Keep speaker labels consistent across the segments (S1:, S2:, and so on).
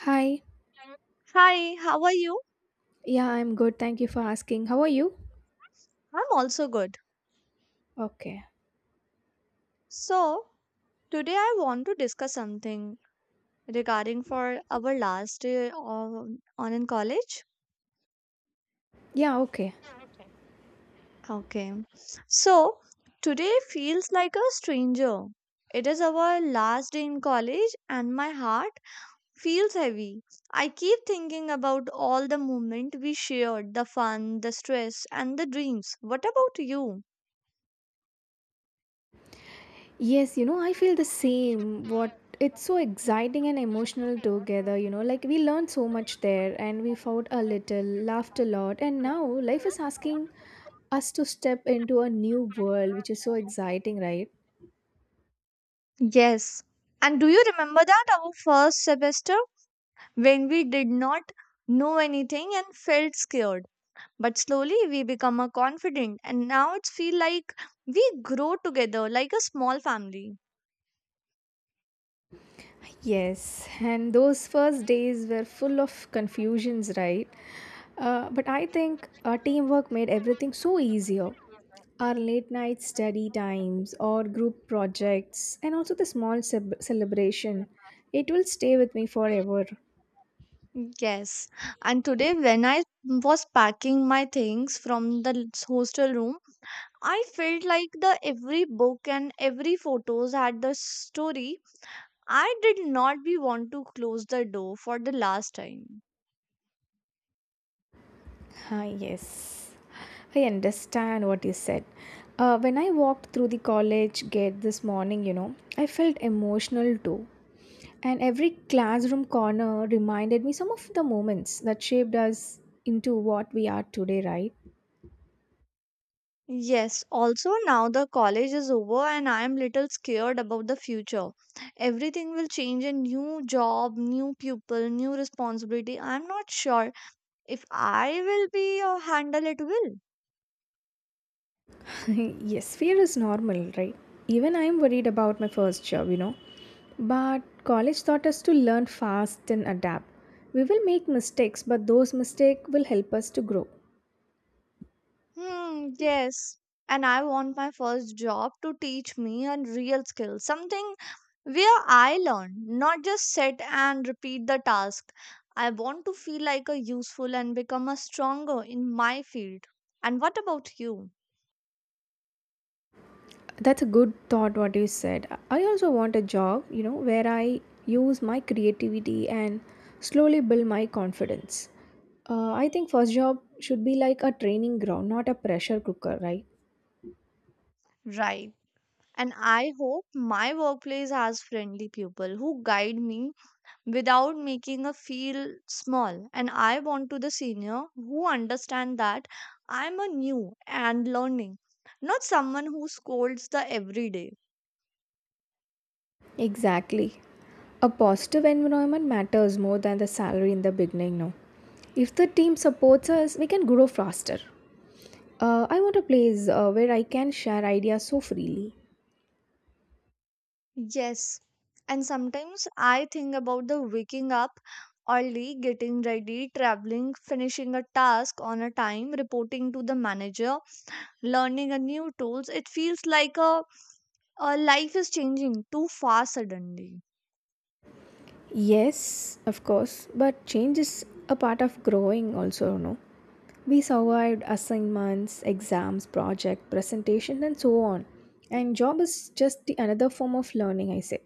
S1: Hi.
S2: Hi, how are you?
S1: Yeah, I'm good. Thank you for asking. How are you?
S2: I'm also good.
S1: Okay.
S2: So, today I want to discuss something regarding for our last year on in college.
S1: Yeah, okay.
S2: Okay. So, today feels like a stranger. It is our last day in college and my heart feels heavy. I keep thinking about all the moment we shared, the fun, the stress and the dreams. What about you?
S1: Yes, I feel the same. What It's so exciting and emotional together, like we learned so much there and we fought a little, laughed a lot, and now life is asking us to step into a new world, which is so exciting, right?
S2: Yes. And do you remember that our first semester, when we did not know anything and felt scared? But slowly we become a confident and now it's feel like we grow together like a small family.
S1: Yes, and those first days were full of confusions, right? But I think our teamwork made everything so easier. Our late night study times, or group projects, and also the small celebration. It will stay with me forever.
S2: Yes. And today, when I was packing my things from the hostel room, I felt like the every book and every photos had the story. I did not be want to close the door for the last time.
S1: Ah, yes, I understand what you said. When I walked through the college gate this morning, I felt emotional too. And every classroom corner reminded me some of the moments that shaped us into what we are today, right?
S2: Yes, also now the college is over and I am little scared about the future. Everything will change a new job, new people, new responsibility. I'm not sure if I will be or handle it well.
S1: Yes, fear is normal, right? Even I am worried about my first job. But college taught us to learn fast and adapt. We will make mistakes, but those mistakes will help us to grow.
S2: Hmm, yes. And I want my first job to teach me a real skill, something where I learn, not just sit and repeat the task. I want to feel like a useful and become a stronger in my field. And what about you?
S1: That's a good thought, what you said. I also want a job, where I use my creativity and slowly build my confidence. I think first job should be like a training ground, not a pressure cooker, right?
S2: Right. And I hope my workplace has friendly people who guide me without making a feel small. And I want to the senior who understand that I'm a new and learning, not someone who scolds the everyday.
S1: Exactly. A positive environment matters more than the salary in the beginning, no? If the team supports us, we can grow faster. I want a place where I can share ideas so freely.
S2: Yes. And sometimes I think about the waking up early, getting ready, traveling, finishing a task on a time, reporting to the manager, learning a new tools. It feels like a life is changing too fast suddenly.
S1: Yes, of course, but change is a part of growing, also, no? We survived assignments, exams, project, presentation, and so on. And job is just the another form of learning, I say,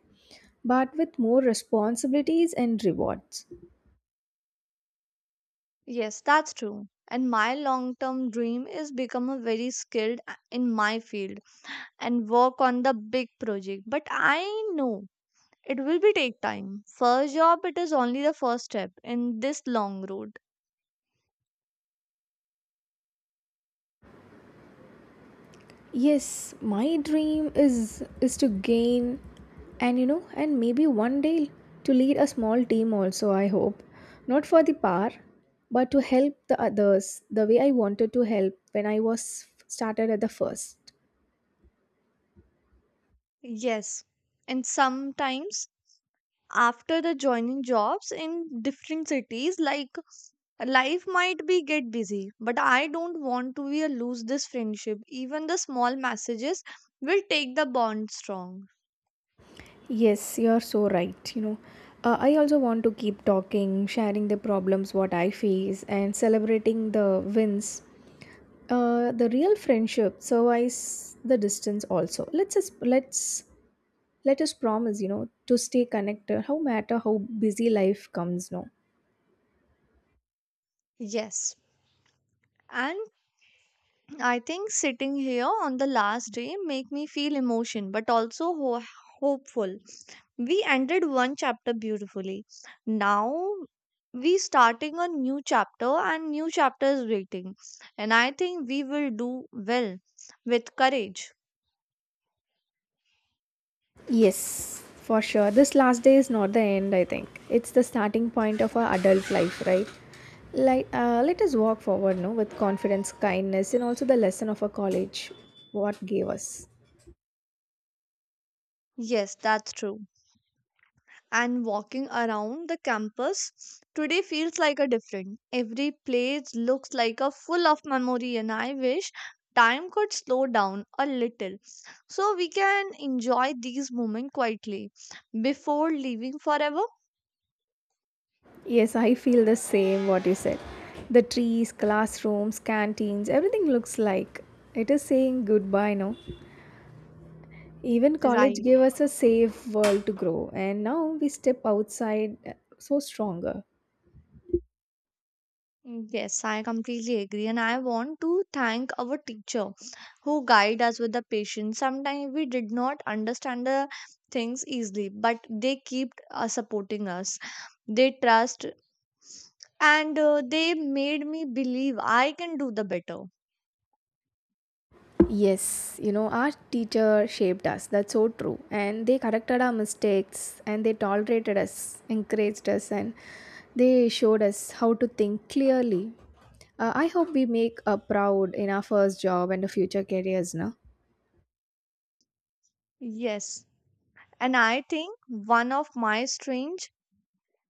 S1: but with more responsibilities and rewards.
S2: Yes, that's true. And my long term dream is become a very skilled in my field and work on the big project. But I know it will be take time. First job it is only the first step in this long road.
S1: Yes, my dream is to gain, and maybe one day to lead a small team also. I hope, not for the power, but to help the others the way I wanted to help when I was started at the first.
S2: Yes. And sometimes after the joining jobs in different cities like life might be get busy, but I don't want to be a lose this friendship, even the small messages will take the bond strong.
S1: Yes, you're so right. I also want to keep talking, sharing the problems what I face, and celebrating the wins. The real friendship survives the distance. Also, let us promise. To stay connected. How matter how busy life comes. No.
S2: Yes, and I think sitting here on the last day make me feel emotion but also hopeful. We ended one chapter beautifully. Now we starting a new chapter and new chapter is waiting. And I think we will do well with courage.
S1: Yes, for sure. This last day is not the end, I think. It's the starting point of our adult life, right? Like, let us walk forward, no, with confidence, kindness, and also the lesson of our college, what gave us.
S2: Yes, that's true. And walking around the campus today feels like a different. Every place looks like a full of memory, and I wish time could slow down a little so we can enjoy these moments quietly before leaving forever.
S1: Yes, I feel the same what you said. The trees, classrooms, canteens, everything looks like it is saying goodbye, no? Even college
S2: Right.
S1: gave us a safe world to grow, and now we step outside so stronger.
S2: Yes, I completely agree, and I want to thank our teacher who guide us with the patience. Sometimes we did not understand the things easily, but they keep supporting us. They trust, and they made me believe I can do the better.
S1: Yes, our teacher shaped us. That's so true. And they corrected our mistakes and they tolerated us, encouraged us, and they showed us how to think clearly. I hope we make a proud in our first job and the future careers, no?
S2: Yes, and I think one of my strange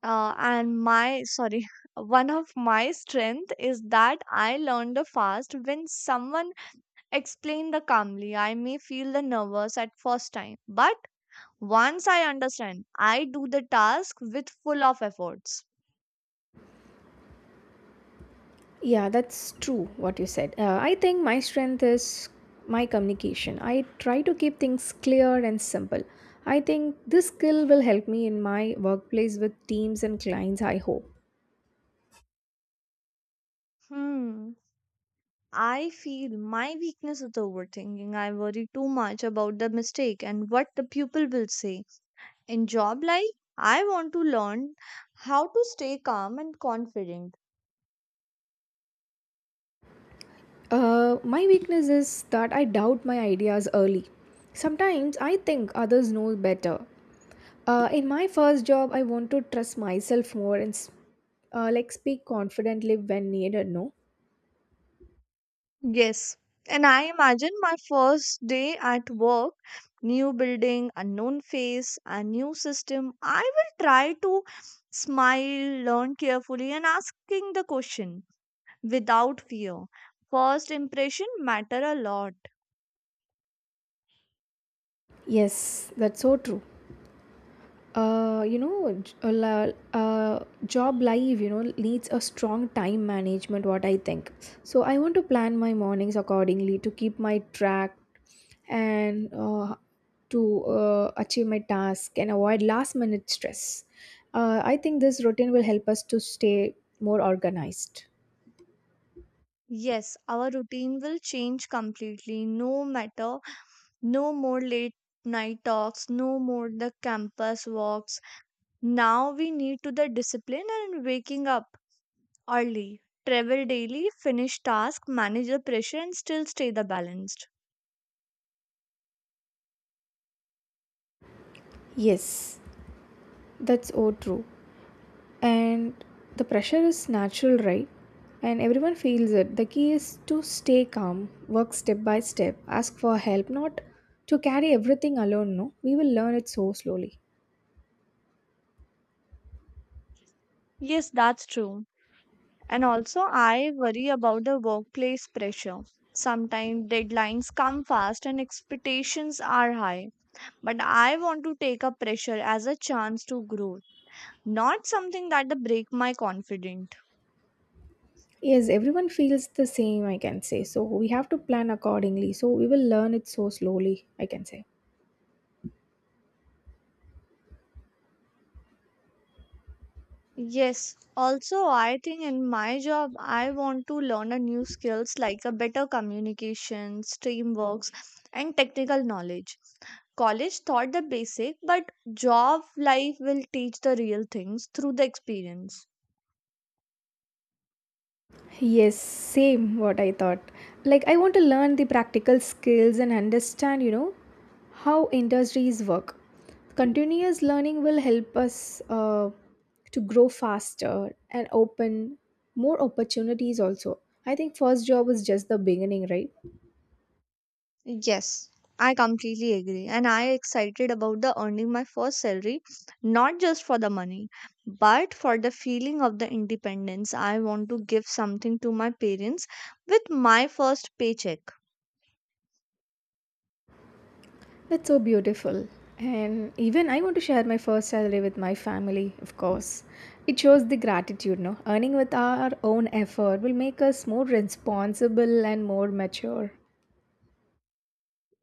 S2: and my sorry, one of my strength is that I learned fast when someone explained the calmly. I may feel the nervous at first time, but once I understand, I do the task with full of efforts.
S1: Yeah, that's true what you said. I think my strength is my communication. I try to keep things clear and simple. I think this skill will help me in my workplace with teams and clients, I hope.
S2: Hmm. I feel my weakness is overthinking. I worry too much about the mistake and what the pupil will say. In job life, I want to learn how to stay calm and confident.
S1: My weakness is that I doubt my ideas early. Sometimes I think others know better. In my first job, I want to trust myself more and like speak confidently when needed. No,
S2: Yes. And I imagine my first day at work, new building, unknown face, a new system. I will try to smile, learn carefully, and asking the question without fear. First impression matter a lot.
S1: yes, that's so true. Job life, needs a strong time management, what I think. So I want to plan my mornings accordingly to keep my track and to achieve my task and avoid last minute stress. I think this routine will help us to stay more organized.
S2: Yes, our routine will change completely. No matter, no more late night talks, no more the campus walks. Now we need to the discipline and waking up early. Travel daily, finish task, manage the pressure and still stay the balanced.
S1: Yes, that's so true. And the pressure is natural, right? And everyone feels it. The key is to stay calm, work step by step, ask for help, not to carry everything alone, no? We will learn it so slowly.
S2: Yes, that's true. And also I worry about the workplace pressure. Sometimes deadlines come fast and expectations are high. But I want to take a pressure as a chance to grow, not something that the break my confidence.
S1: Yes, everyone feels the same, I can say. So we have to plan accordingly, so we will learn it so slowly, I can say.
S2: Yes, also I think in my job I want to learn a new skills like a better communications, teamworks and technical knowledge. College taught the basic, but job life will teach the real things through the experience.
S1: Yes, same what I thought. Like I want to learn the practical skills and understand how industries work. Continuous learning will help us to grow faster and open more opportunities also. I think first job is just the beginning, right?
S2: Yes, I completely agree. And I excited about the earning my first salary, not just for the money, but for the feeling of the independence. I want to give something to my parents with my first paycheck.
S1: That's so beautiful. And even I want to share my first salary with my family, of course. It shows the gratitude, no? Earning with our own effort will make us more responsible and more mature.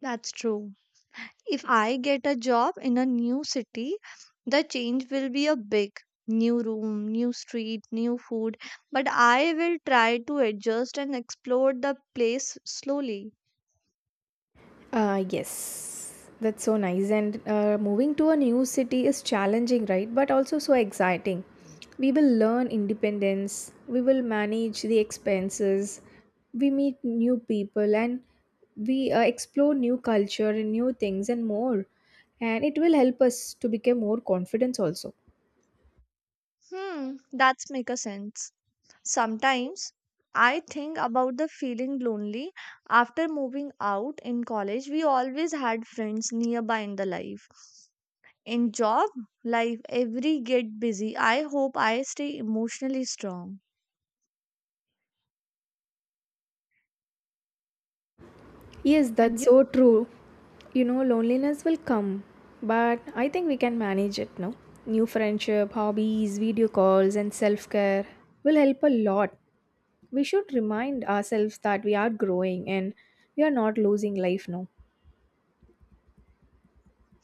S2: That's true. If I get a job in a new city, the change will be a big new room, new street, new food, but I will try to adjust and explore the place slowly.
S1: Yes, that's so nice. And moving to a new city is challenging, right? But also so exciting. We will learn independence, we will manage the expenses, we meet new people, and we explore new culture and new things and more. And it will help us to become more confident also.
S2: That's make a sense. Sometimes I think about the feeling lonely after moving out in college. We always had friends nearby in the life. In job life, every get busy. I hope I stay emotionally strong.
S1: Yes,
S2: And
S1: that's
S2: you?
S1: so true. Loneliness will come, but I think we can manage it, now. New friendship, hobbies, video calls, and self care will help a lot. We should remind ourselves that we are growing and we are not losing life, now.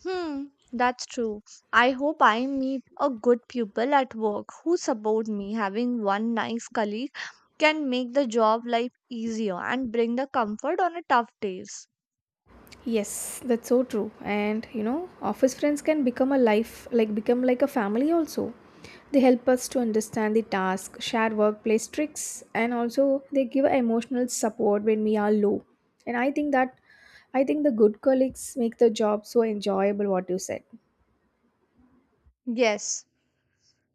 S2: Hmm, that's true. I hope I meet a good people at work who support me. Having one nice colleague can make the job life easier and bring the comfort on a tough days.
S1: Yes, that's so true. And office friends can become a life, like become like a family also. They help us to understand the task, share workplace tricks, and also they give emotional support when we are low. And I think the good colleagues make the job so enjoyable what you said.
S2: Yes,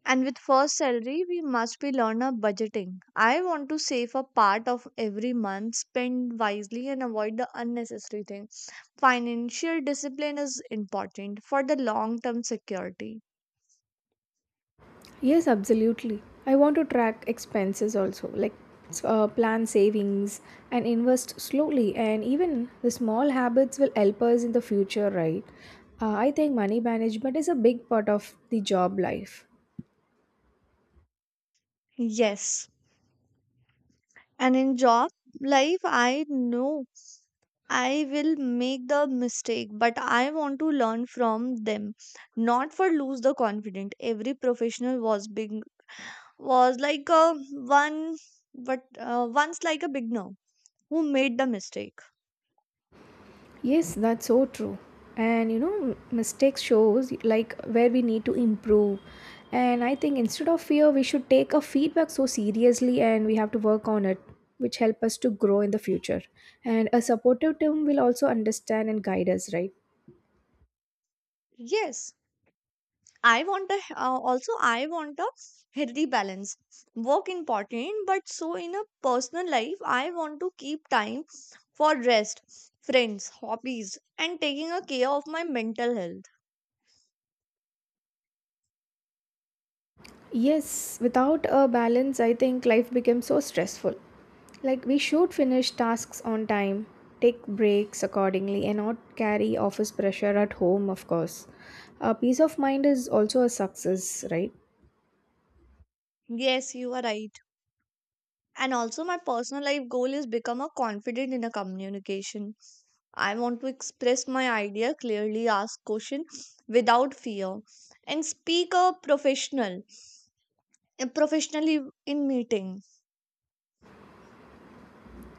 S2: and with first salary, we must be learn a budgeting. I want to save a part of every month, spend wisely, and avoid the unnecessary things. Financial discipline is important for the long term security.
S1: Yes, absolutely. I want to track expenses also, like plan savings and invest slowly. And even the small habits will help us in the future, right? I think money management is a big part of the job life.
S2: Yes. And in job life, I know I will make the mistake, but I want to learn from them, not for lose the confidence. Every professional was big was like a one, but once like a beginner who made the mistake.
S1: Yes, that's so true. And mistakes shows like where we need to improve. And I think instead of fear, we should take a feedback so seriously and we have to work on it, which help us to grow in the future. And a supportive team will also understand and guide us, right?
S2: Yes, I want a healthy balance. Work important, but so in a personal life, I want to keep time for rest, friends, hobbies, and taking a care of my mental health.
S1: Yes, without a balance, I think life becomes so stressful. Like, we should finish tasks on time, take breaks accordingly, and not carry office pressure at home, of course. Peace of mind is also a success, right?
S2: Yes, you are right. And also my personal life goal is become a confident in a communication. I want to express my idea clearly, ask question without fear, and speak a professionally in meeting.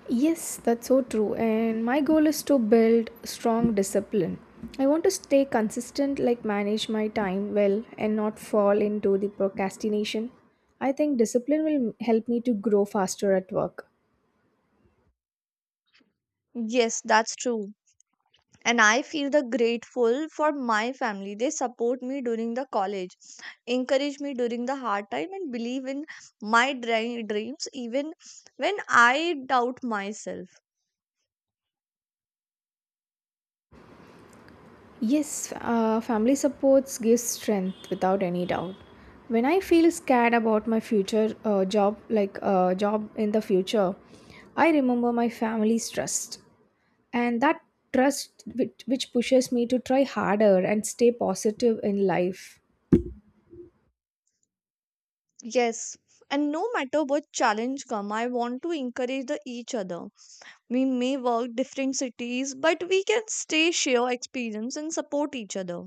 S1: Yes, that's so true. And my goal is to build strong discipline. I want to stay consistent, like, manage my time well, and not fall into the procrastination. I think discipline will help me to grow faster at work.
S2: Yes, that's true. And I feel the grateful for my family. They support me during the college, encourage me during the hard time, and believe in my dreams, even when I doubt myself.
S1: Yes, family supports gives strength without any doubt. When I feel scared about my future job, like job in the future, I remember my family's trust, and that trust which pushes me to try harder and stay positive in life.
S2: Yes. And no matter what challenge come, I want to encourage the each other. We may work different cities, but we can stay share experience and support each other.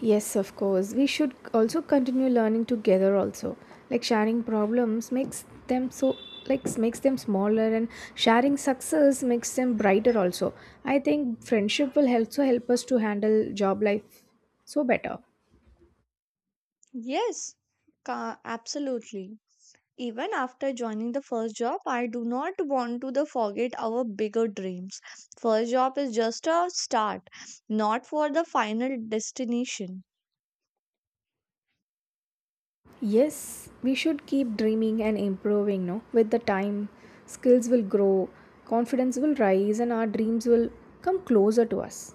S1: Yes, of course. We should also continue learning together also. Like sharing problems makes them so like makes them smaller and sharing success makes them brighter also. I think friendship will also help us to handle job life so better.
S2: Yes, absolutely. Even after joining the first job I do not want to the forget our bigger dreams. First job is just a start, not for the final destination.
S1: Yes, we should keep dreaming and improving, no? With the time, skills will grow, confidence will rise and our dreams will come closer to us.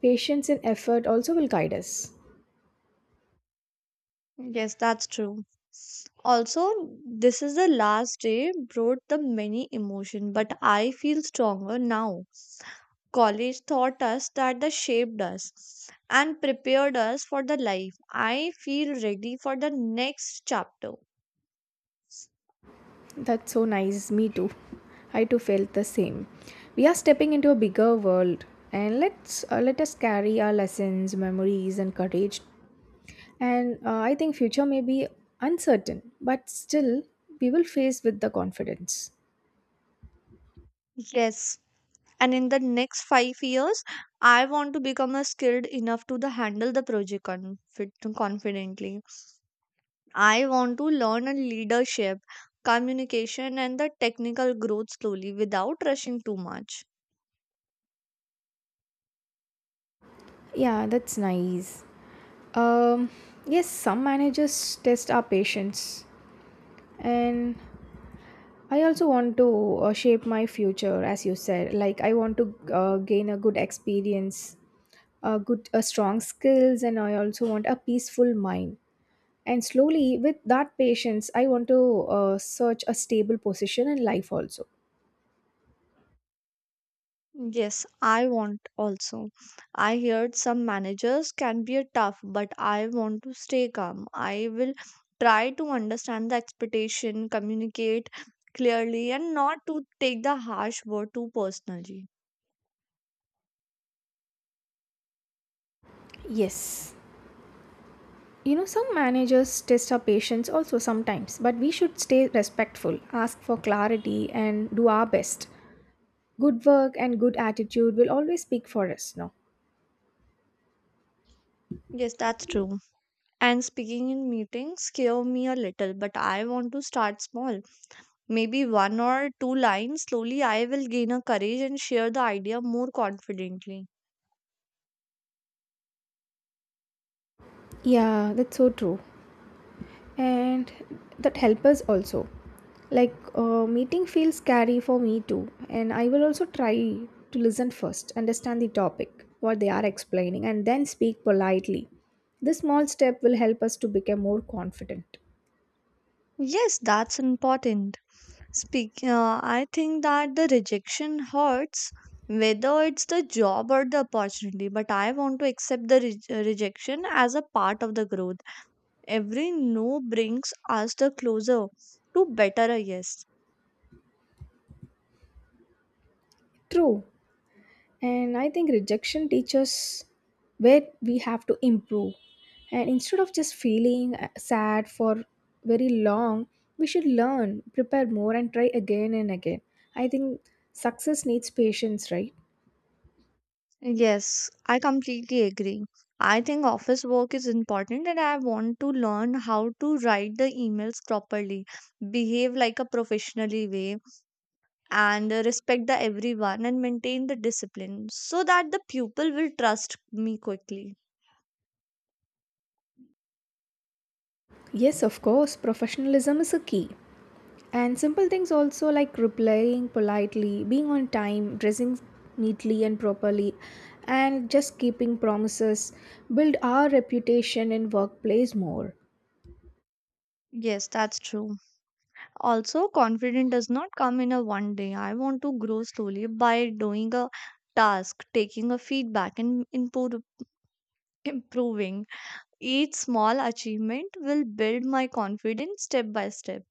S1: Patience and effort also will guide us.
S2: Yes, that's true. Also, this is the last day brought the many emotion, but I feel stronger now. College taught us that the shaped us and prepared us for the life. I feel ready for the next chapter.
S1: That's so nice. Me too. I too felt the same. We are stepping into a bigger world, and let us carry our lessons, memories, and courage. And I think future may be uncertain, but still we will face with the confidence.
S2: Yes, and in the next 5 years I want to become a skilled enough to the handle the project confidently. I want to learn and leadership, communication and the technical growth slowly without rushing too much.
S1: Yeah, that's nice. Um, yes, some managers test our patience, and I also want to shape my future, as you said. Like I want to gain a good experience good strong skills and I also want a peaceful mind and slowly with that patience I want to search a stable position in life also.
S2: Yes, I want also. I heard some managers can be a tough, but I want to stay calm. I will try to understand the expectation, communicate clearly and not to take the harsh word too personally.
S1: Yes. You know some managers test our patience also sometimes, but we should stay respectful, ask for clarity, and do our best. Good work and good attitude will always speak for us, no?
S2: Yes, that's true. And speaking in meetings scare me a little, but I want to start small. Maybe one or two lines. Slowly, I will gain a courage and share the idea more confidently.
S1: Yeah, that's so true. And that help us also. Like, meeting feels scary for me too, and I will also try to listen first, understand the topic what they are explaining, and then speak politely. This small step will help us to become more confident.
S2: Yes, that's important. Speak. I think that the rejection hurts, whether it's the job or the opportunity. But I want to accept the rejection as a part of the growth. Every no brings us the closer to better a yes.
S1: True. And I think rejection teaches where we have to improve. And instead of just feeling sad for very long, we should learn, prepare more, and try again and again. I think success needs patience, right?
S2: Yes, I completely agree. I think office work is important and I want to learn how to write the emails properly, behave like a professionally way, and respect the everyone and maintain the discipline so that the pupil will trust me quickly.
S1: Yes, of course, professionalism is a key. And simple things also like replying politely, being on time, dressing neatly and properly, and just keeping promises build our reputation in workplace more.
S2: Yes, that's true. Also, confidence does not come in a one day. I want to grow slowly by doing a task, taking a feedback and improving. Each small achievement will build my confidence step by step.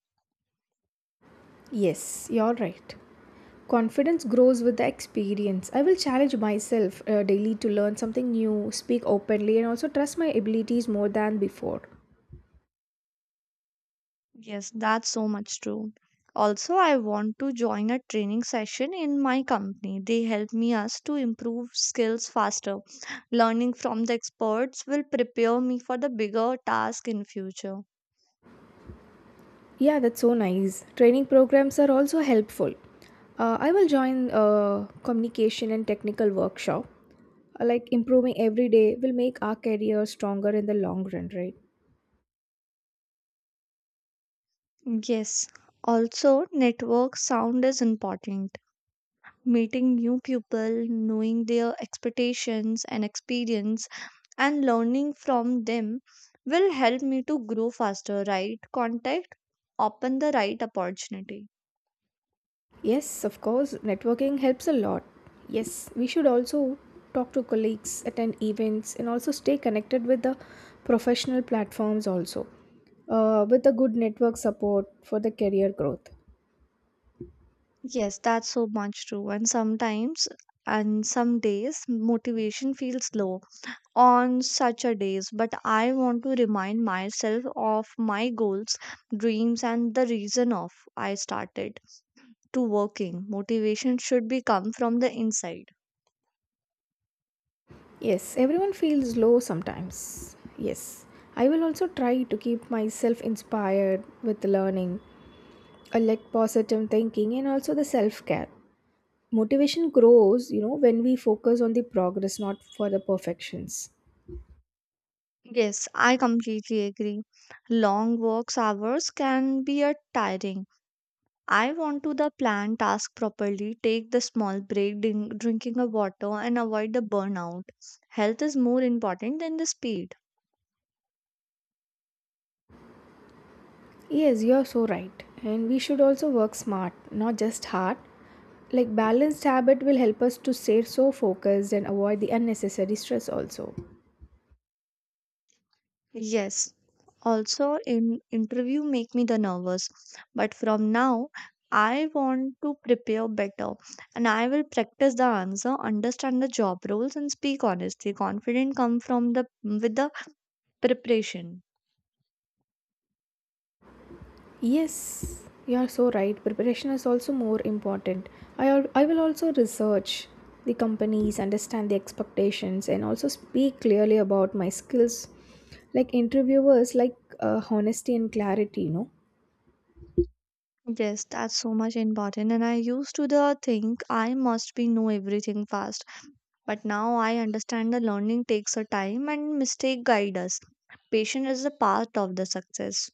S1: Yes, you're right. Confidence grows with the experience. I will challenge myself daily to learn something new, speak openly, and also trust my abilities more than before.
S2: Yes, that's so much true. Also, I want to join a training session in my company. They help me us to improve skills faster. Learning from the experts will prepare me for the bigger task in future.
S1: Yeah, that's so nice. Training programs are also helpful. I will join communication and technical workshop. Like improving every day will make our career stronger in the long run, right?
S2: Yes. Also, network sound is important. Meeting new people, knowing their expectations and experience and learning from them will help me to grow faster, right? Contact open the right opportunity.
S1: Yes, of course, networking helps a lot. Yes, we should also talk to colleagues, attend events, and also stay connected with the professional platforms also. With a good network support for the career growth.
S2: Yes, that's so much true. And some days motivation feels low on such a days, but I want to remind myself of my goals, dreams and the reason of I started to working. Motivation should be come from the inside.
S1: Yes, everyone feels low sometimes. Yes, I will also try to keep myself inspired with learning, a like positive thinking, and also the self care. Motivation grows, when we focus on the progress, not for the perfections.
S2: Yes, I completely agree. Long works hours can be a tiring. I want to the plan task properly, take the small break, drinking a water, and avoid the burnout. Health is more important than the speed.
S1: Yes, you're so right. And we should also work smart, not just hard. Like balanced habit will help us to stay so focused and avoid the unnecessary stress also.
S2: Yes. Also, in interview make me the nervous, but from now, I want to prepare better, and I will practice the answer, understand the job roles, and speak honestly. Confident come from the with the preparation.
S1: Yes, you're so right. Preparation is also more important. I will also research the companies, understand the expectations and also speak clearly about my skills. Like interviewers like honesty and clarity.
S2: Yes, that's so much important. And I used to the think I must be know everything fast. But now I understand the learning takes a time and mistake guide us. Patience is a part of the success.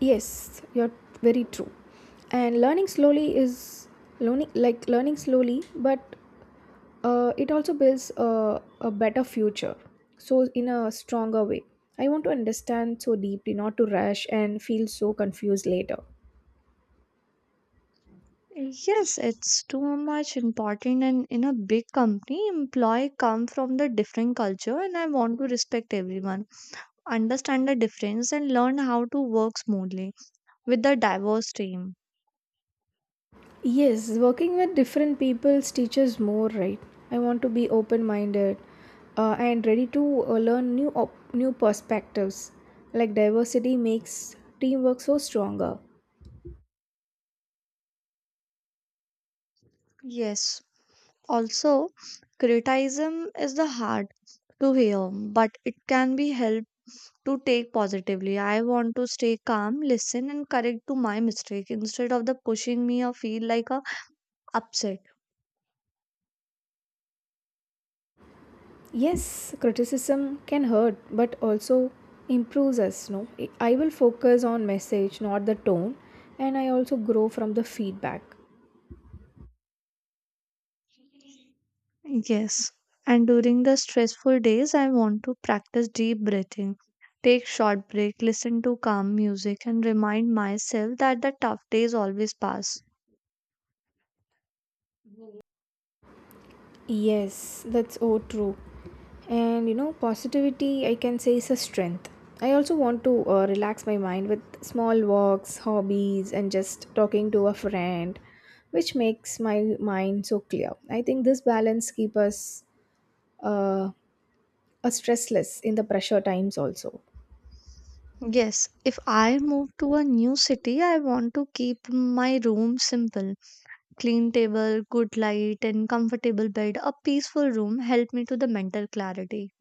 S1: Yes, you're very true. And learning slowly is learning like learning slowly, but it also builds a better future. So in a stronger way. I want to understand so deeply, not to rush and feel so confused later.
S2: Yes, it's too much important, and in a big company, employee come from the different culture and I want to respect everyone, understand the difference and learn how to work smoothly with the diverse team.
S1: Yes, working with different peoples teaches more, right? I want to be open-minded and ready to learn new perspectives. Like diversity makes teamwork so stronger.
S2: Yes. Also, criticism is the hard to hear, but it can be helped to take positively. I want to stay calm, listen, and correct to my mistake instead of the pushing me or feel like a upset.
S1: Yes, criticism can hurt but also improves us, no? I will focus on message, not the tone, and I also grow from the feedback.
S2: Yes. And during the stressful days, I want to practice deep breathing, take short break, listen to calm music, and remind myself that the tough days always pass.
S1: Yes, that's so true. And you know, positivity I can say is a strength. I also want to relax my mind with small walks, hobbies, and just talking to a friend, which makes my mind so clear. I think this balance keeps us uh, stressless in the pressure times also.
S2: Yes, if I move to a new city, I want to keep my room simple. Clean table, good light, and comfortable bed. A peaceful room help me to the mental clarity.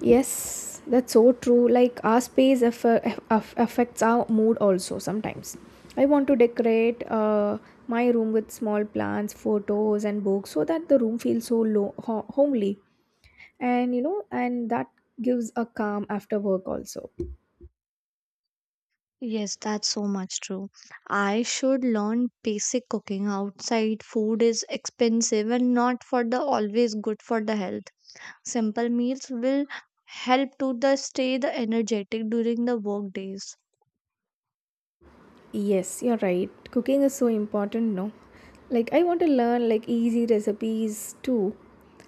S1: Yes, that's so true. Like our space affects our mood also sometimes. I want to decorate my room with small plants, photos, and books so that the room feels so homely. And that gives a calm after work also.
S2: Yes, that's so much true. I should learn basic cooking. Outside food is expensive and not for the always good for the health. Simple meals will help to the stay the energetic during the work days.
S1: Yes, you're right. Cooking is so important, no? Like I want to learn like easy recipes too.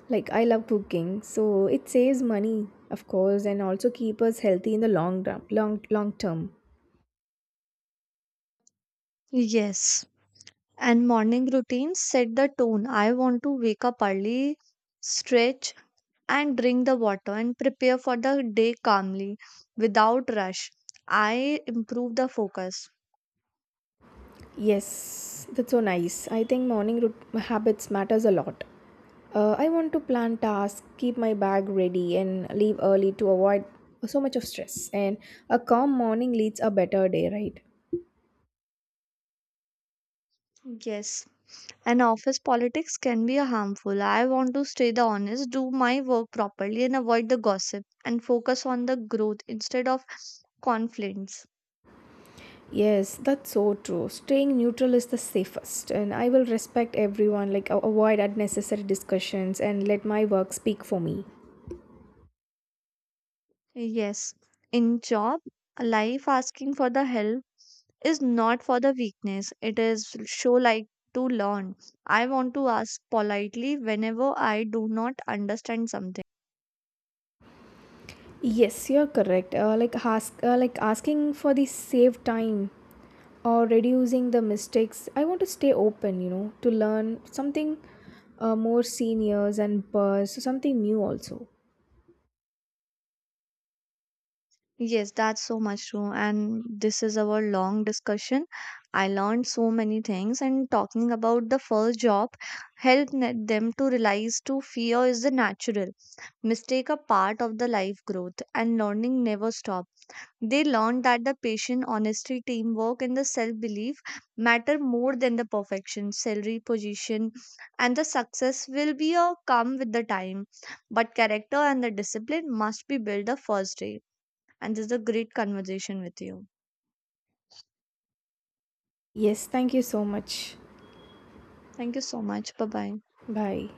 S1: Like I love cooking, so it saves money, of course, and also keep us healthy in the long term, long term.
S2: Yes. And morning routines set the tone. I want to wake up early, stretch and drink the water and prepare for the day calmly without rush. I improve the focus.
S1: Yes, that's so nice. I think morning root habits matters a lot. I want to plan tasks, keep my bag ready, and leave early to avoid so much of stress. And a calm morning leads a better day, right?
S2: Yes. And office politics can be a harmful. I want to stay the honest, do my work properly, and avoid the gossip and focus on the growth instead of conflicts.
S1: Yes, that's so true. Staying neutral is the safest, and I will respect everyone, avoid unnecessary discussions and let my work speak for me.
S2: Yes, in job life, asking for the help is not for the weakness. It is show like to learn. I want to ask politely whenever I do not understand something.
S1: Yes, you're correct. Like asking for the save time or reducing the mistakes. I want to stay open, to learn something more seniors and so something new also.
S2: Yes, that's so much true. And this is our long discussion. I learned so many things, and talking about the first job helped them to realize to fear is the natural. Mistake a part of the life growth, and learning never stop. They learned that the patient, honesty, teamwork, and the self belief matter more than the perfection, salary, position, and the success will be a come with the time. But character and the discipline must be built the first day, and this is a great conversation with you.
S1: Yes, thank you so much.
S2: Thank you so much. Bye bye.
S1: Bye.